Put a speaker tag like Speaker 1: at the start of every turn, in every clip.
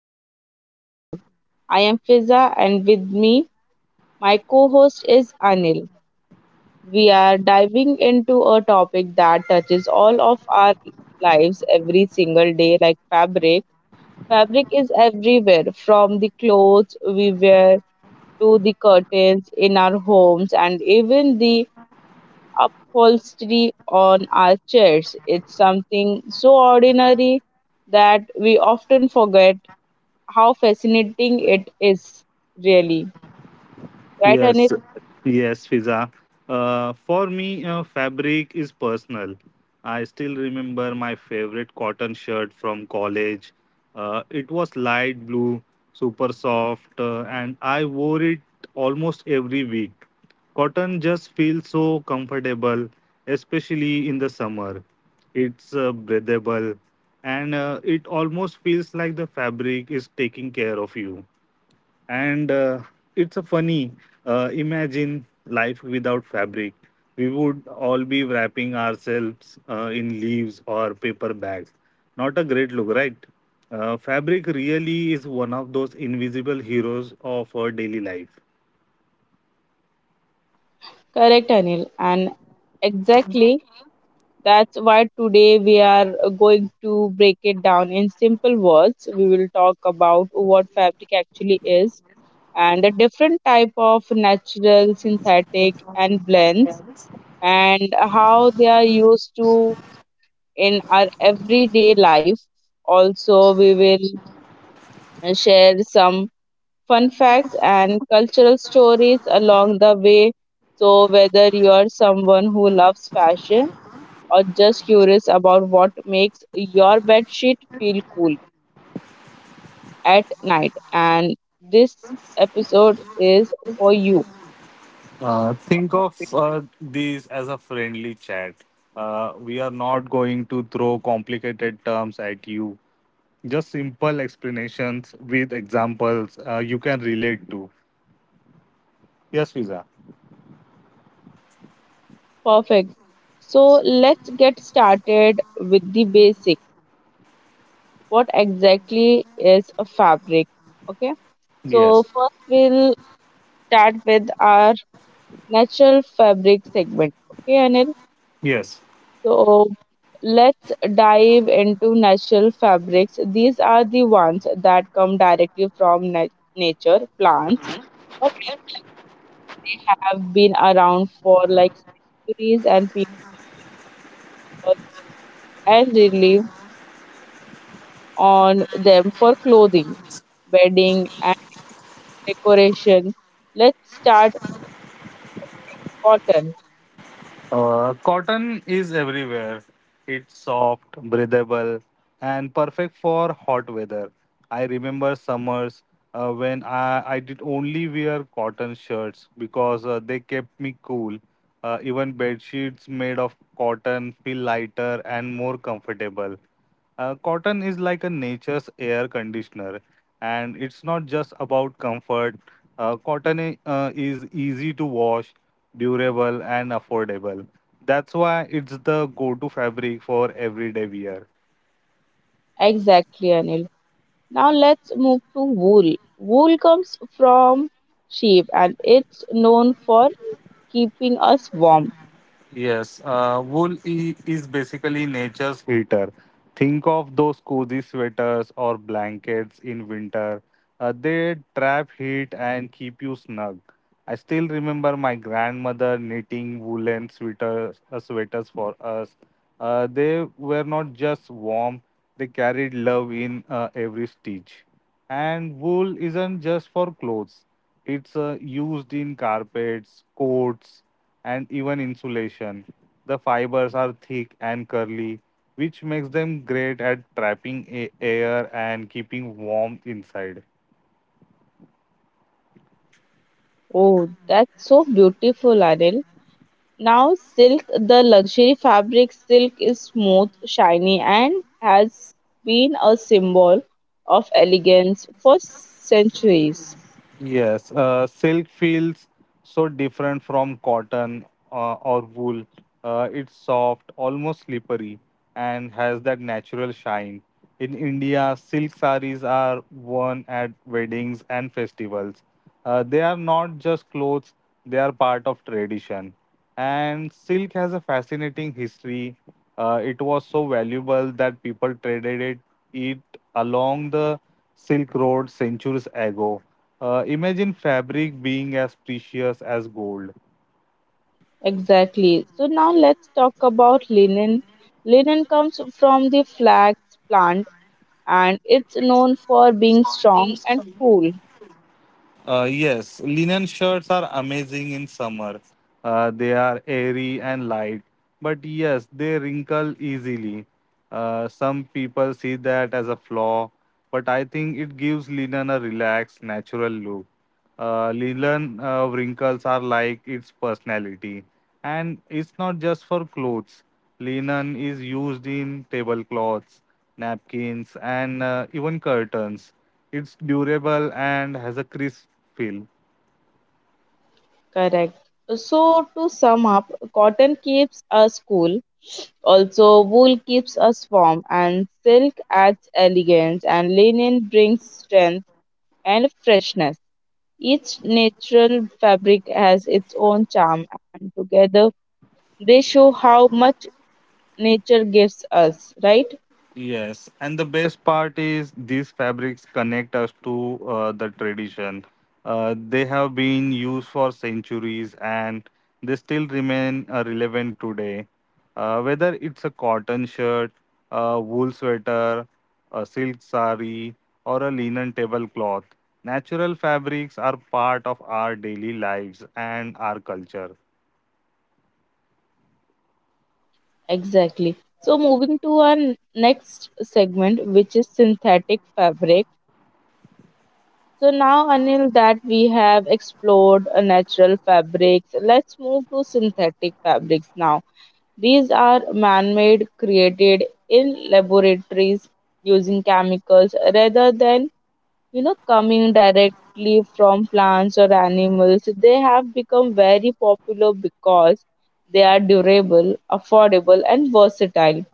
Speaker 1: today's episode. I am Fiza, and with me, my co host is Anil. We are diving into a topic that touches all of our lives every single day, like fabric. Fabric is everywhere from the clothes we wear to the curtains in our homes and even the upholstery on our chairs. It's something so ordinary that we often forget how fascinating it is, really, right,
Speaker 2: Yes,
Speaker 1: Anil?
Speaker 2: yes, Fiza. For me, fabric is personal. I still remember my favorite cotton shirt from college. It was light blue, super soft, and I wore it almost every week. Cotton just feels so comfortable, especially in the summer. It's breathable, and it almost feels like the fabric is taking care of you, and it's a funny, imagine life without fabric. We would all be wrapping ourselves in leaves or paper bags. Not a great look, right? Fabric really is one of those invisible heroes of our daily life.
Speaker 1: Correct, Anil, and exactly, that's why today we are going to break it down in simple words. We will talk about what fabric actually is and the different type of natural, synthetic, and blends, and how they are used to in our everyday life. Also, we will share some fun facts and cultural stories along the way. So, whether you are someone who loves fashion or just curious about what makes your bedsheet feel cool at night, and this episode is for you.
Speaker 2: Think of these as a friendly chat. We are not going to throw complicated terms at you. Just simple explanations with examples you can relate to. Yes, Fiza.
Speaker 1: Perfect. So, let's get started with the basic. What exactly is a fabric? Okay, so
Speaker 2: Yes,
Speaker 1: first we'll start with our natural fabric segment. Okay, Anil.
Speaker 2: yes.
Speaker 1: So let's dive into natural fabrics. These are the ones that come directly from nature, plants, but have been around for like centuries, and people and rely on them for clothing, bedding, and decoration. Let's start cotton.
Speaker 2: Cotton is everywhere. It's soft, breathable, and perfect for hot weather. I remember summers when I did only wear cotton shirts because they kept me cool. Even bed sheets made of cotton feel lighter and more comfortable. Cotton is like a nature's air conditioner, and it's not just about comfort. Is easy to wash, durable, and affordable. That's why it's the go to fabric for everyday wear.
Speaker 1: Exactly, Anil. Now let's move to wool. Wool comes from sheep and it's known for keeping us warm.
Speaker 2: Yes, is basically nature's heater. Think of those cozy sweaters or blankets in winter. They trap heat and keep you snug. I still remember my grandmother knitting woolen sweaters for us. They were not just warm, they carried love in every stitch. And wool isn't just for clothes, it's used in carpets, coats, and even insulation. The fibers are thick and curly, which makes them great at trapping air and keeping warmth inside.
Speaker 1: Oh, that's so beautiful, Anil. Now, silk, the luxury fabric. Silk is smooth, shiny, and has been a symbol of elegance for centuries.
Speaker 2: Yes, silk feels so different from cotton or wool. It's soft, almost slippery, and has that natural shine. In India, silk saris are worn at weddings and festivals. They are not just clothes, they are part of tradition. And silk has a fascinating history. It was so valuable that people traded it along the Silk Road centuries ago. Imagine fabric being as precious as gold.
Speaker 1: Exactly. So, now let's talk about linen. Linen comes from the flax plant and it's known for being strong and cool.
Speaker 2: Yes, linen shirts are amazing in summer. They are airy and light, but yes, they wrinkle easily. Some people see that as a flaw, but I think it gives linen a relaxed, natural look. Linen wrinkles are like its personality, and it's not just for clothes. Linen is used in tablecloths, napkins, and even curtains. It's durable and has a crisp feel.
Speaker 1: Correct. So, to sum up, cotton keeps us cool, also, wool keeps us warm, and silk adds elegance, and linen brings strength and freshness. Each natural fabric has its own charm, and together they show how much nature gives us, right?
Speaker 2: Yes, and the best part is these fabrics connect us to the tradition. They have been used for centuries and they still remain relevant today. Whether it's a cotton shirt, a wool sweater, a silk sari, or a linen tablecloth, natural fabrics are part of our daily lives and our culture.
Speaker 1: Exactly. So, moving to our next segment, which is synthetic fabric. So now, Anil, that we have explored natural fabrics, let's move to synthetic fabrics now. These are man made, created in laboratories using chemicals rather than, you know, coming directly from plants or animals. They have become very popular because they are durable, affordable, and versatile.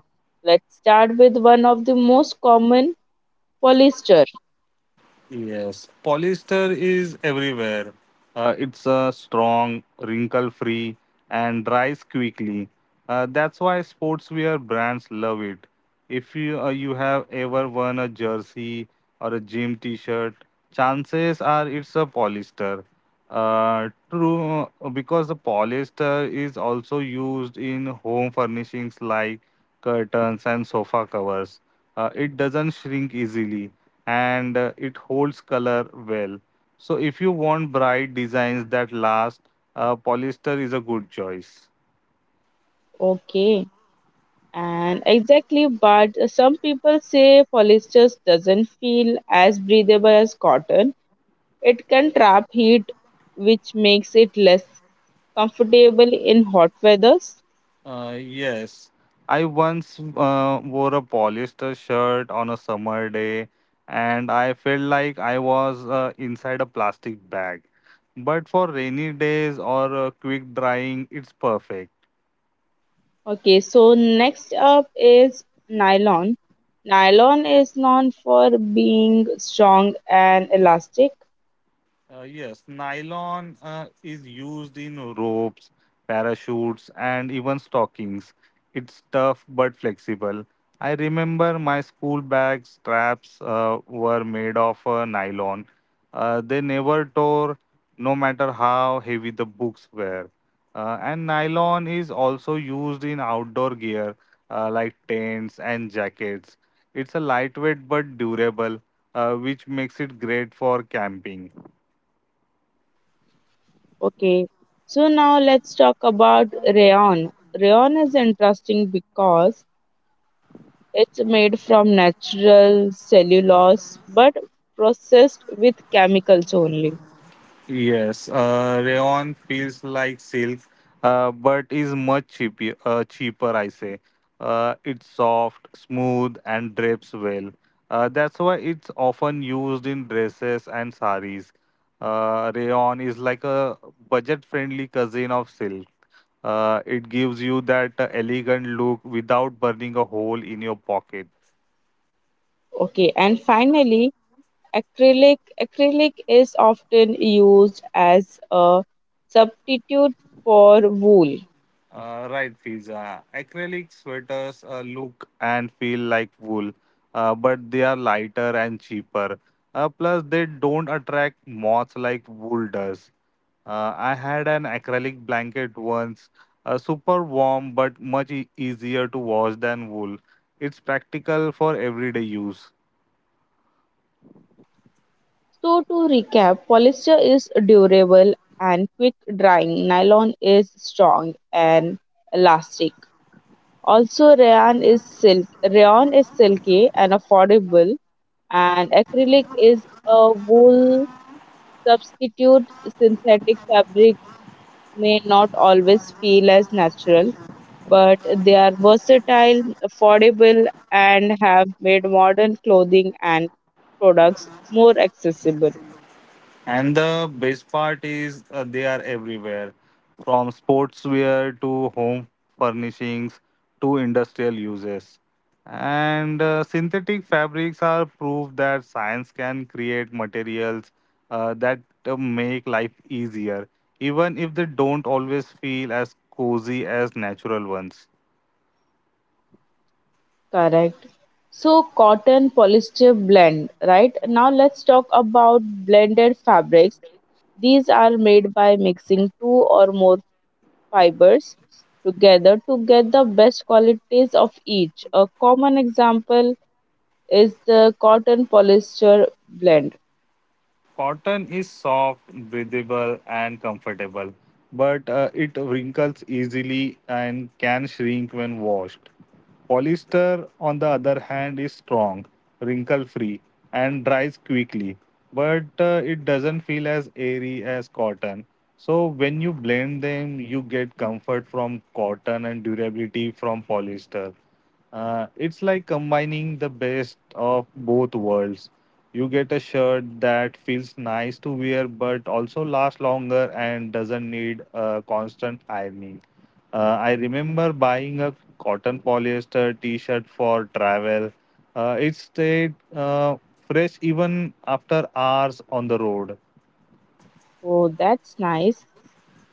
Speaker 1: Let's start with one of the most common, polyester.
Speaker 2: Yes, polyester is everywhere. It's strong, wrinkle free, and dries quickly. That's why sportswear brands love it. If you have ever worn a jersey or a gym T-shirt, chances are it's a polyester. True, because the polyester is also used in home furnishings like curtains and sofa covers. It doesn't shrink easily and it holds color well. So if you want bright designs that last, polyester is a good choice.
Speaker 1: Okay, and exactly, but some people say polyester doesn't feel as breathable as cotton. It can trap heat, which makes it less comfortable in hot weathers.
Speaker 2: Yes, I once wore a polyester shirt on a summer day, and I felt like I was inside a plastic bag. But for rainy days or quick drying, it's perfect.
Speaker 1: Okay, so next up is nylon. Nylon is known for being strong and elastic.
Speaker 2: Yes, nylon is used in ropes, parachutes, and even stockings. It's tough but flexible. I remember my school bag straps were made of nylon. They never tore, no matter how heavy the books were. And nylon is also used in outdoor gear like tents and jackets. It's a lightweight but durable, which makes it great for camping.
Speaker 1: Okay, so now let's talk about rayon. Rayon is interesting because it's made from natural cellulose but processed with chemicals only.
Speaker 2: Yes, rayon feels like silk, but is much cheaper. Cheaper, I say. It's soft, smooth, and drapes well. That's why it's often used in dresses and saris. Rayon is like a budget-friendly cousin of silk. It gives you that elegant look without burning a hole in your pocket.
Speaker 1: Okay, and finally, acrylic. Acrylic is often used as a substitute for wool.
Speaker 2: Right, Fiza. Acrylic sweaters look and feel like wool, but they are lighter and cheaper. Plus, they don't attract moths like wool does. I had an acrylic blanket once, super warm but much easier to wash than wool. It's practical for everyday use.
Speaker 1: So, to recap, polyester is durable and quick drying, nylon is strong and elastic. Also, rayon is silk. Rayon is silky and affordable, and acrylic is a wool substitute. Synthetic fabric may not always feel as natural, but they are versatile, affordable, and have made modern clothing and products more accessible.
Speaker 2: And the best part is they are everywhere, from sportswear to home furnishings to industrial uses. And synthetic fabrics are proof that science can create materials that make life easier, even if they don't always feel as cozy as natural ones.
Speaker 1: Correct. So, cotton polyester blend, right? Now, let's talk about blended fabrics. These are made by mixing two or more fibers together to get the best qualities of each. A common example is the cotton polyester blend.
Speaker 2: Cotton is soft, breathable, and comfortable, but it wrinkles easily and can shrink when washed. Polyester, on the other hand, is strong, wrinkle free, and dries quickly, but it doesn't feel as airy as cotton. So, when you blend them, you get comfort from cotton and durability from polyester. It's like combining the best of both worlds. You get a shirt that feels nice to wear but also lasts longer and doesn't need a constant ironing. I remember buying a cotton polyester t shirt for travel. It stayed fresh even after hours on the road.
Speaker 1: Oh, that's nice.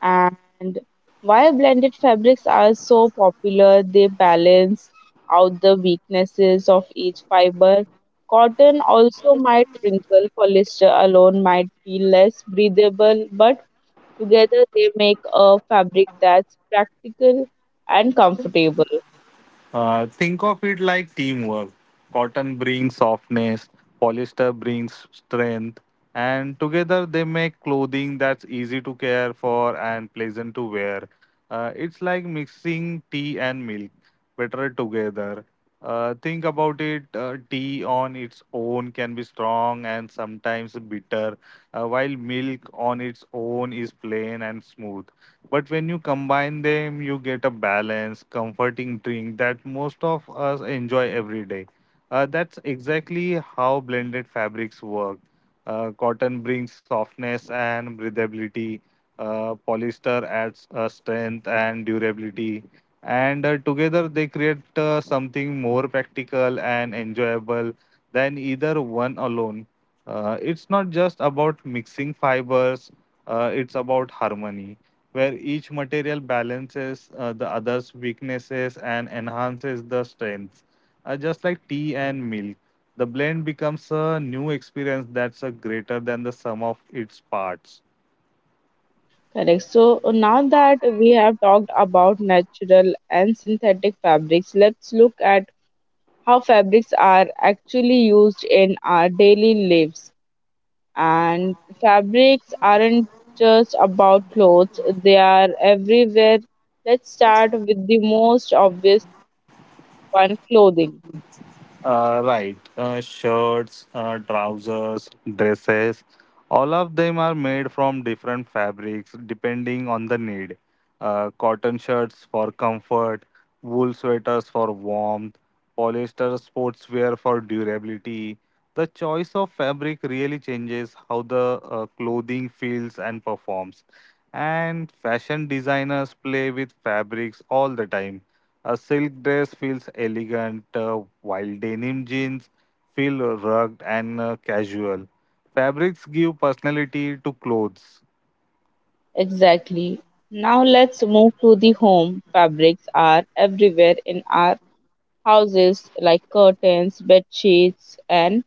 Speaker 1: And why blended fabrics are so popular, they balance out the weaknesses of each fiber. Cotton also might wrinkle, polyester alone might be less breathable, but together they make a fabric that's practical and comfortable.
Speaker 2: Think of it like teamwork. Cotton brings softness, polyester brings strength, and together they make clothing that's easy to care for and pleasant to wear. It's like mixing tea and milk, better together. Think about it, tea on its own can be strong and sometimes bitter, while milk on its own is plain and smooth. But when you combine them, you get a balanced, comforting drink that most of us enjoy every day. That's exactly how blended fabrics work. Cotton brings softness and breathability. Polyester adds strength and durability. And together they create something more practical and enjoyable than either one alone. It's not just about mixing fibers, it's about harmony where each material balances the other's weaknesses and enhances the strengths. Just like tea and milk, the blend becomes a new experience that's greater than the sum of its parts.
Speaker 1: Correct. So now that we have talked about natural and synthetic fabrics, let's look at how fabrics are actually used in our daily lives. And fabrics aren't just about clothes, they are everywhere. Let's start with the most obvious one, clothing.
Speaker 2: Right. Shirts, trousers, dresses, all of them are made from different fabrics depending on the need. Cotton shirts for comfort, wool sweaters for warmth, polyester sportswear for durability. The choice of fabric really changes how the clothing feels and performs. And fashion designers play with fabrics all the time. A silk dress feels elegant, while denim jeans feel rugged and casual. Fabrics give personality to clothes.
Speaker 1: Exactly. Now let's move to the home. Fabrics are everywhere in our houses, like curtains, bed sheets, and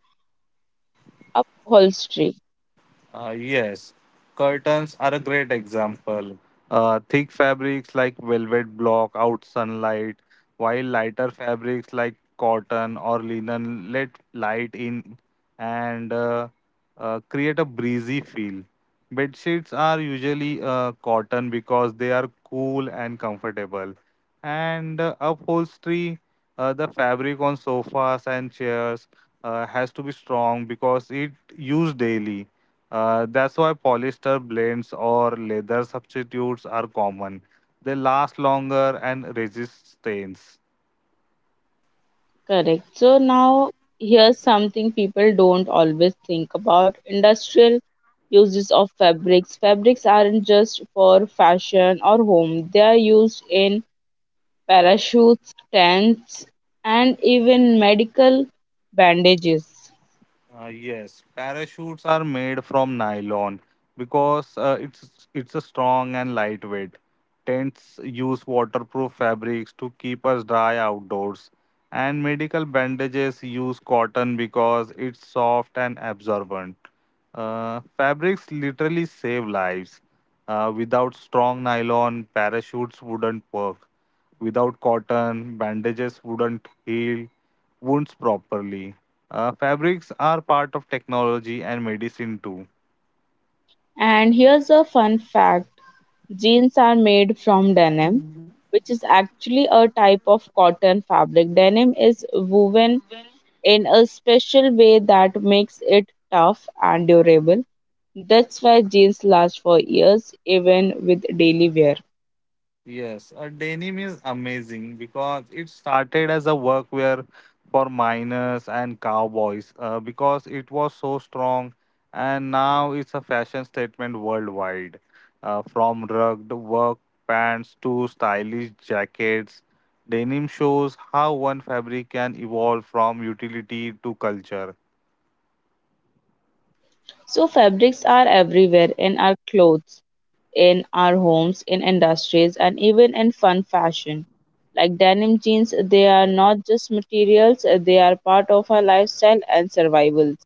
Speaker 1: upholstery.
Speaker 2: Yes, curtains are a great example. Thick fabrics like velvet block out sunlight, while lighter fabrics like cotton or linen let light in and create a breezy feel. Bed sheets are usually cotton because they are cool and comfortable. And upholstery, the fabric on sofas and chairs has to be strong because it used daily, that's why polyester blends or leather substitutes are common. They last longer and resist stains.
Speaker 1: Correct. So now here's something people don't always think about, industrial uses of fabrics. Fabrics aren't just for fashion or home. They are used in parachutes, tents, and even medical bandages.
Speaker 2: Yes, parachutes are made from nylon because it's a strong and lightweight. Tents use waterproof fabrics to keep us dry outdoors, and medical bandages use cotton because it's soft and absorbent. Fabrics literally save lives. Without strong nylon, parachutes wouldn't work. Without cotton, bandages wouldn't heal wounds properly. Fabrics are part of technology and medicine too.
Speaker 1: And here's a fun fact. Jeans are made from denim, which is actually a type of cotton fabric. Denim is woven in a special way that makes it tough and durable. That's why jeans last for years, even with daily wear.
Speaker 2: Yes, denim is amazing because it started as a workwear for miners and cowboys because it was so strong, and now it's a fashion statement worldwide. From rugged work pants to stylish jackets, denim shows how one fabric can evolve from utility to culture.
Speaker 1: So, fabrics are everywhere in our clothes, in our homes, in industries, and even in fun fashion. Like denim jeans, they are not just materials, they are part of our lifestyle and survival.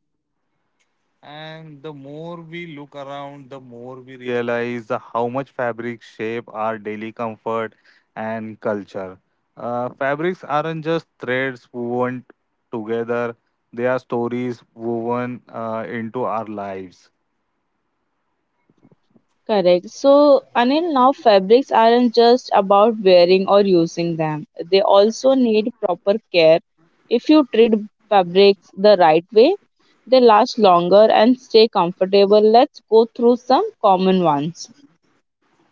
Speaker 2: And the more we look around, the more we realize the how much fabrics shape our daily comfort and culture. Fabrics aren't just threads woven together, they are stories woven into our lives.
Speaker 1: Correct. So, Anil, now fabrics aren't just about wearing or using them. They also need proper care. If you treat fabrics the right way, they last longer and stay comfortable. Let's go through some common ones.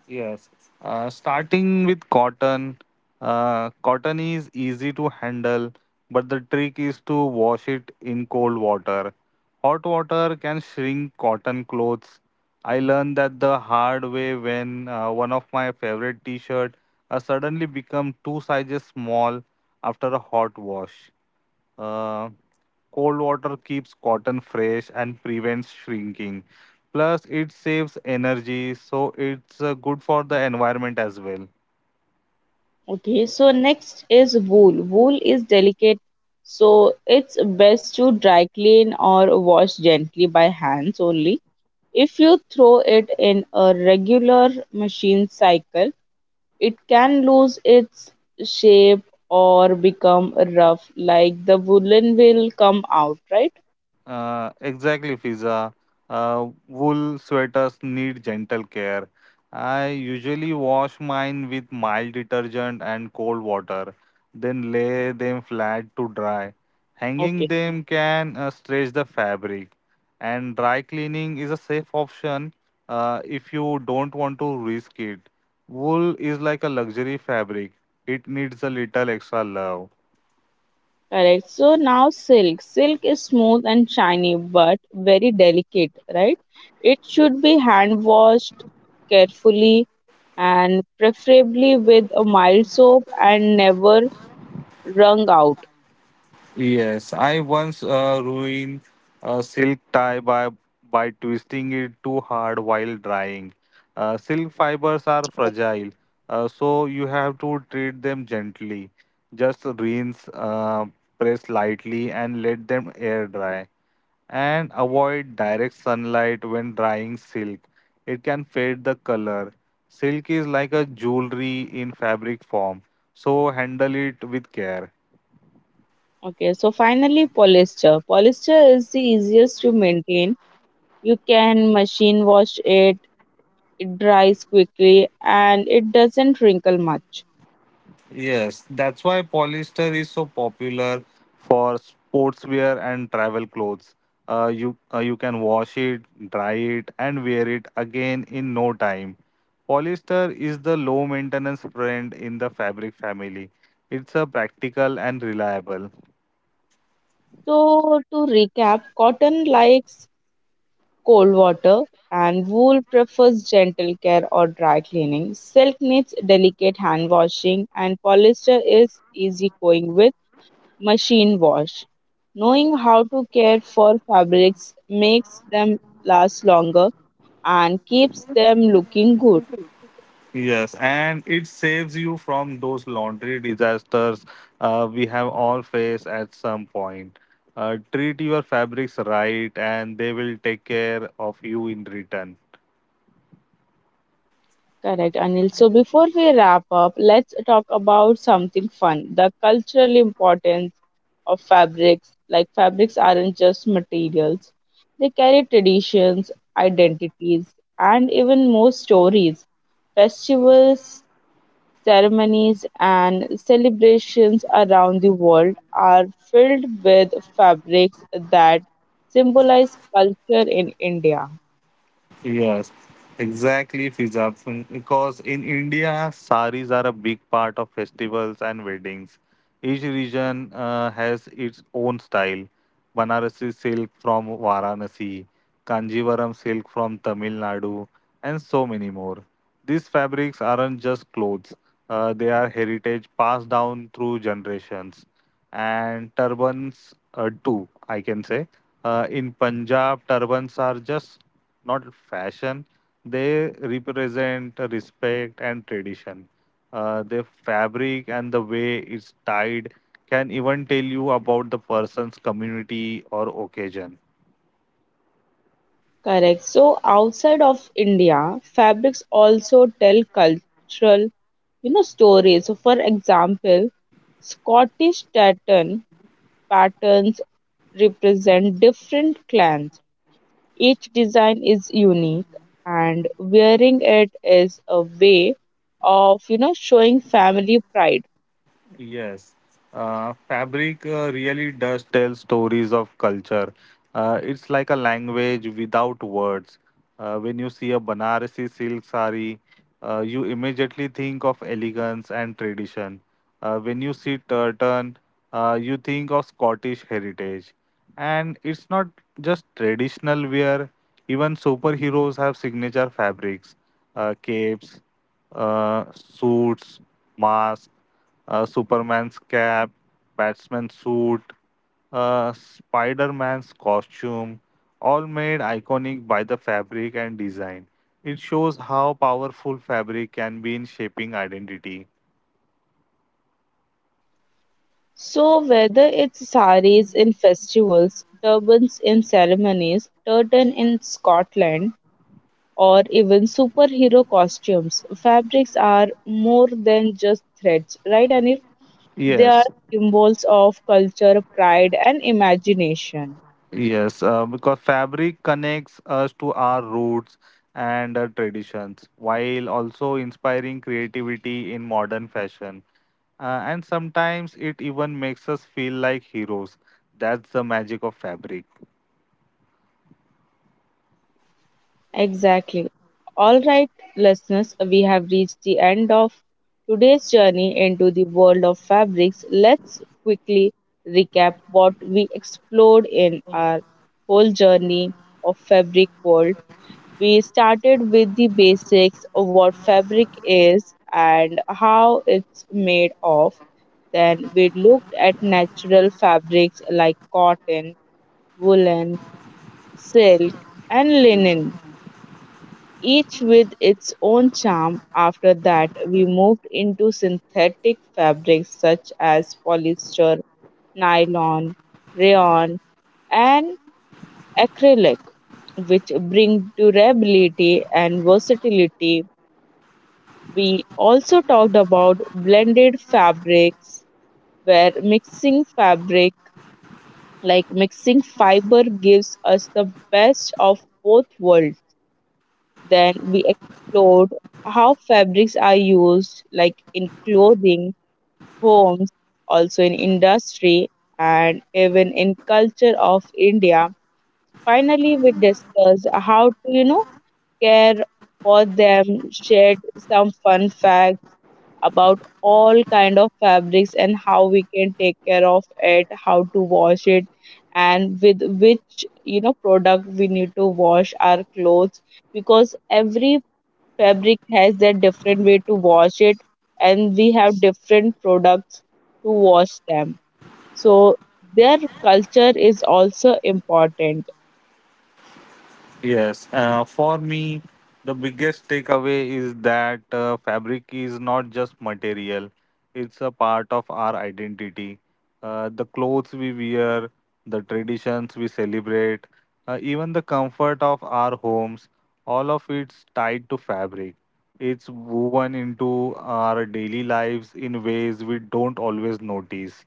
Speaker 2: Yes. Starting with cotton, cotton is easy to handle, but the trick is to wash it in cold water. Hot water can shrink cotton clothes. I learned that the hard way when one of my favorite t-shirt suddenly became two sizes small after a hot wash. Uh, Cold water keeps cotton fresh and prevents shrinking. Plus, it saves energy, so it's good for the environment as well.
Speaker 1: Okay, so next is wool. Wool is delicate, so it's best to dry clean or wash gently by hands only. If you throw it in a regular machine cycle, it can lose its shape or become rough, like the woolen will come out, right?
Speaker 2: Exactly, Fiza. Wool sweaters need gentle care. I usually wash mine with mild detergent and cold water, then lay them flat to dry. Hanging
Speaker 1: Okay,
Speaker 2: them can stretch the fabric, and dry cleaning is a safe option if you don't want to risk it. Wool is like a luxury fabric, it needs a little extra love.
Speaker 1: correct. So now silk. Silk is smooth and shiny, but very delicate, right? It should be hand washed carefully and preferably with a mild soap and never wrung out.
Speaker 2: Yes, I once ruined a silk tie by twisting it too hard while drying. Silk fibers are fragile, so you have to treat them gently. Just rinse, press lightly, and let them air dry. And avoid direct sunlight when drying silk. It can fade the color. Silk is like a jewelry in fabric form, so handle it with care.
Speaker 1: Okay, so finally, polyester. Polyester is the easiest to maintain. You can machine wash it, it dries quickly and it doesn't wrinkle much.
Speaker 2: Yes, that's why polyester is so popular for sportswear and travel clothes. Uh, you you can wash it, dry it, and wear it again in no time. Polyester is the low maintenance friend in the fabric family. It's a practical and reliable.
Speaker 1: So, to recap, cotton likes cold water and wool prefers gentle care or dry cleaning. Silk needs delicate hand washing and polyester is easy going with machine wash. Knowing how to care for fabrics makes them last longer and keeps them looking good.
Speaker 2: Yes, and it saves you from those laundry disasters we have all faced at some point. Treat your fabrics right, and they will take care of you in return.
Speaker 1: Correct, Anil. So before we wrap up, let's talk about something fun, the cultural importance of fabrics. Like, fabrics aren't just materials, they carry traditions, identities, and even more stories. Festivals, ceremonies, and celebrations around the world are filled with fabrics that symbolize culture in India.
Speaker 2: Yes, exactly, Fiza. Because in India, saris are a big part of festivals and weddings. Each region has its own style. Banarasi silk from Varanasi, Kanjivaram silk from Tamil Nadu, and so many more. These fabrics aren't just clothes, they are heritage passed down through generations. And turbans too, I can say, in Punjab turbans are just not fashion. They represent respect and tradition. The fabric and the way it's tied can even tell you about the person's community or occasion.
Speaker 1: Correct. So outside of India, fabrics also tell cultural, you know, stories. So for example, Scottish tartan patterns represent different clans. Each design is unique and wearing it is a way of, you know, showing family pride.
Speaker 2: Yes, fabric really does tell stories of culture. It's like a language without words. When you see a Banarasi silk sari, you immediately think of elegance and tradition. When you see tartan, you think of Scottish heritage. And it's not just traditional wear, even superheroes have signature fabrics, capes, suits, masks, Superman's cap, Batman's suit, Spider Man's costume, all made iconic by the fabric and design. It shows how powerful fabric can be in shaping identity.
Speaker 1: So whether it's saris in festivals, turbans in ceremonies, tartan in Scotland, or even superhero costumes. Fabrics are more than just threads, right, Anil? They are
Speaker 2: Yes,
Speaker 1: symbols of culture, pride, and imagination.
Speaker 2: yes, because fabric connects us to our roots and traditions while also inspiring creativity in modern fashion. And sometimes it even makes us feel like heroes. That's the magic of fabric.
Speaker 1: Exactly. All right, listeners, we have reached the end of today's journey into the world of fabrics. Let's quickly recap what we explored in our whole journey of fabric world. We started with the basics of what fabric is and how it's made of. Then we looked at natural fabrics like cotton, woolen, silk, and linen, each with its own charm. After that, we moved into synthetic fabrics such as polyester, nylon, rayon, and acrylic, which bring durability and versatility. We also talked about blended fabrics, where mixing fabric, like mixing fiber, gives us the best of both worlds. Then we explored how fabrics are used, like in clothing, homes, also in industry, and even in culture of India. Finally, we discussed how to, you know, care for them, shared some fun facts about all kind of fabrics and how we can take care of it, how to wash it, and with which, you know, product we need to wash our clothes, because every fabric has their different way to wash it, and we have different products to wash them. So their culture is also important.
Speaker 2: Yes, for me, the biggest takeaway is that fabric is not just material, it's a part of our identity. The clothes we wear, the traditions we celebrate, even the comfort of our homes, all of it's tied to fabric. It's woven into our daily lives in ways we don't always notice.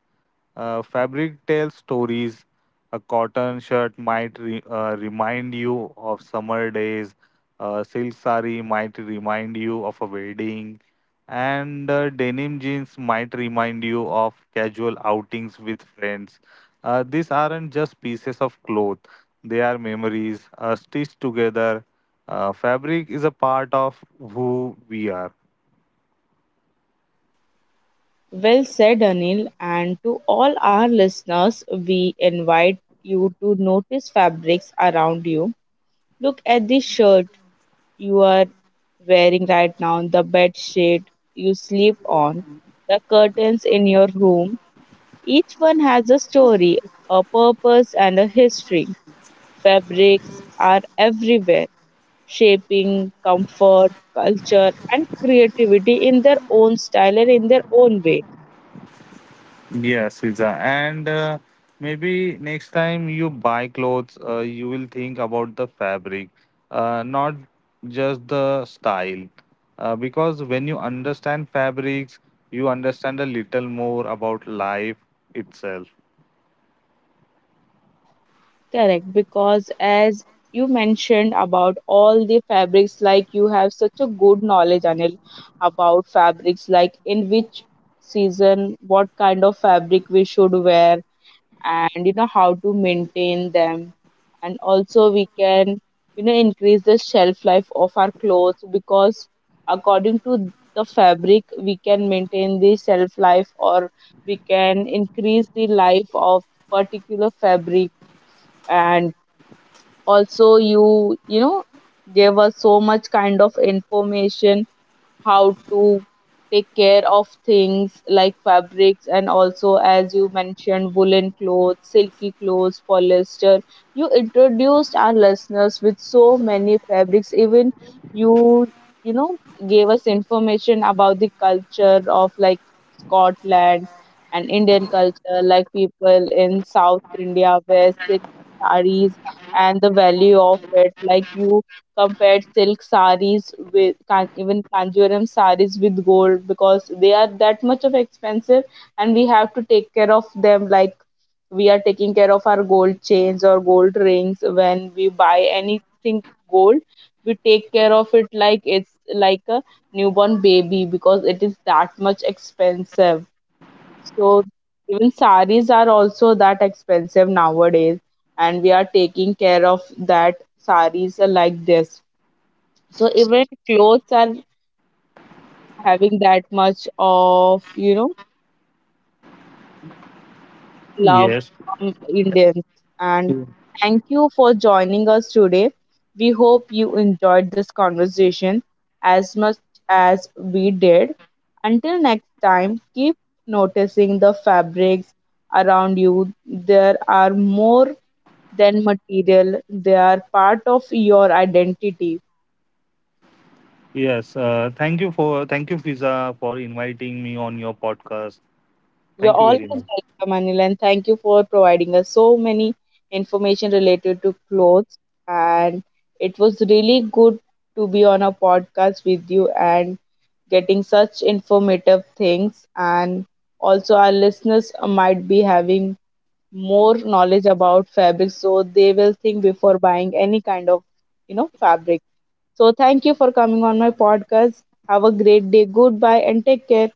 Speaker 2: Fabric tells stories. A cotton shirt might remind you of summer days. A silk sari might remind you of a wedding. And denim jeans might remind you of casual outings with friends. These aren't just pieces of cloth, they are memories stitched together. Fabric is a part of who we are.
Speaker 1: Well said, Anil. And to all our listeners, we invite you to notice fabrics around you. Look at the shirt you are wearing right now, the bed sheet you sleep on, the curtains in your room. Each one has a story, a purpose, and a history. Fabrics are everywhere, shaping comfort, culture, and creativity in their own style and in their own way.
Speaker 2: Yes, Siza. And maybe next time you buy clothes, you will think about the fabric, not just the style. Because when you understand fabrics, you understand a little more about life itself.
Speaker 1: Correct, because as you mentioned about all the fabrics, like you have such a good knowledge, Anil, about fabrics, like in which season, what kind of fabric we should wear, and you know how to maintain them. And also, we can, you know, increase the shelf life of our clothes, because according to the fabric, we can maintain the shelf life or we can increase the life of particular fabric. And also, you know, there was so much kind of information how to take care of things like fabrics, and also as you mentioned woolen clothes, silky clothes, polyester, you introduced our listeners with so many fabrics. Even you, you know, gave us information about the culture of like Scotland and Indian culture, like people in South India wear silk sarees and the value of it, like you compared silk saris with can, even Kanjivaram saris with gold, because they are that much of expensive, and we have to take care of them like we are taking care of our gold chains or gold rings. When we buy anything gold, we take care of it like it's like a newborn baby because it is that much expensive. So even saris are also that expensive nowadays, and we are taking care of that. Saris are like this. So even clothes are having that much of, you know, love
Speaker 2: Yes,
Speaker 1: from Indians. And thank you for joining us today. We hope you enjoyed this conversation as much as we did. Until next time, keep noticing the fabrics around you. There are more than material, they are part of your identity.
Speaker 2: yes. Thank you Fiza, for inviting me on your podcast.
Speaker 1: You're
Speaker 2: Thank you
Speaker 1: always
Speaker 2: very much.
Speaker 1: welcome, Anil, and thank you for providing us so many information related to clothes. And it was really good to be on a podcast with you and getting such informative things. And also, our listeners might be having more knowledge about fabric, so they will think before buying any kind of, you know, fabric. So, thank you for coming on my podcast. Have a great day. Goodbye and take care.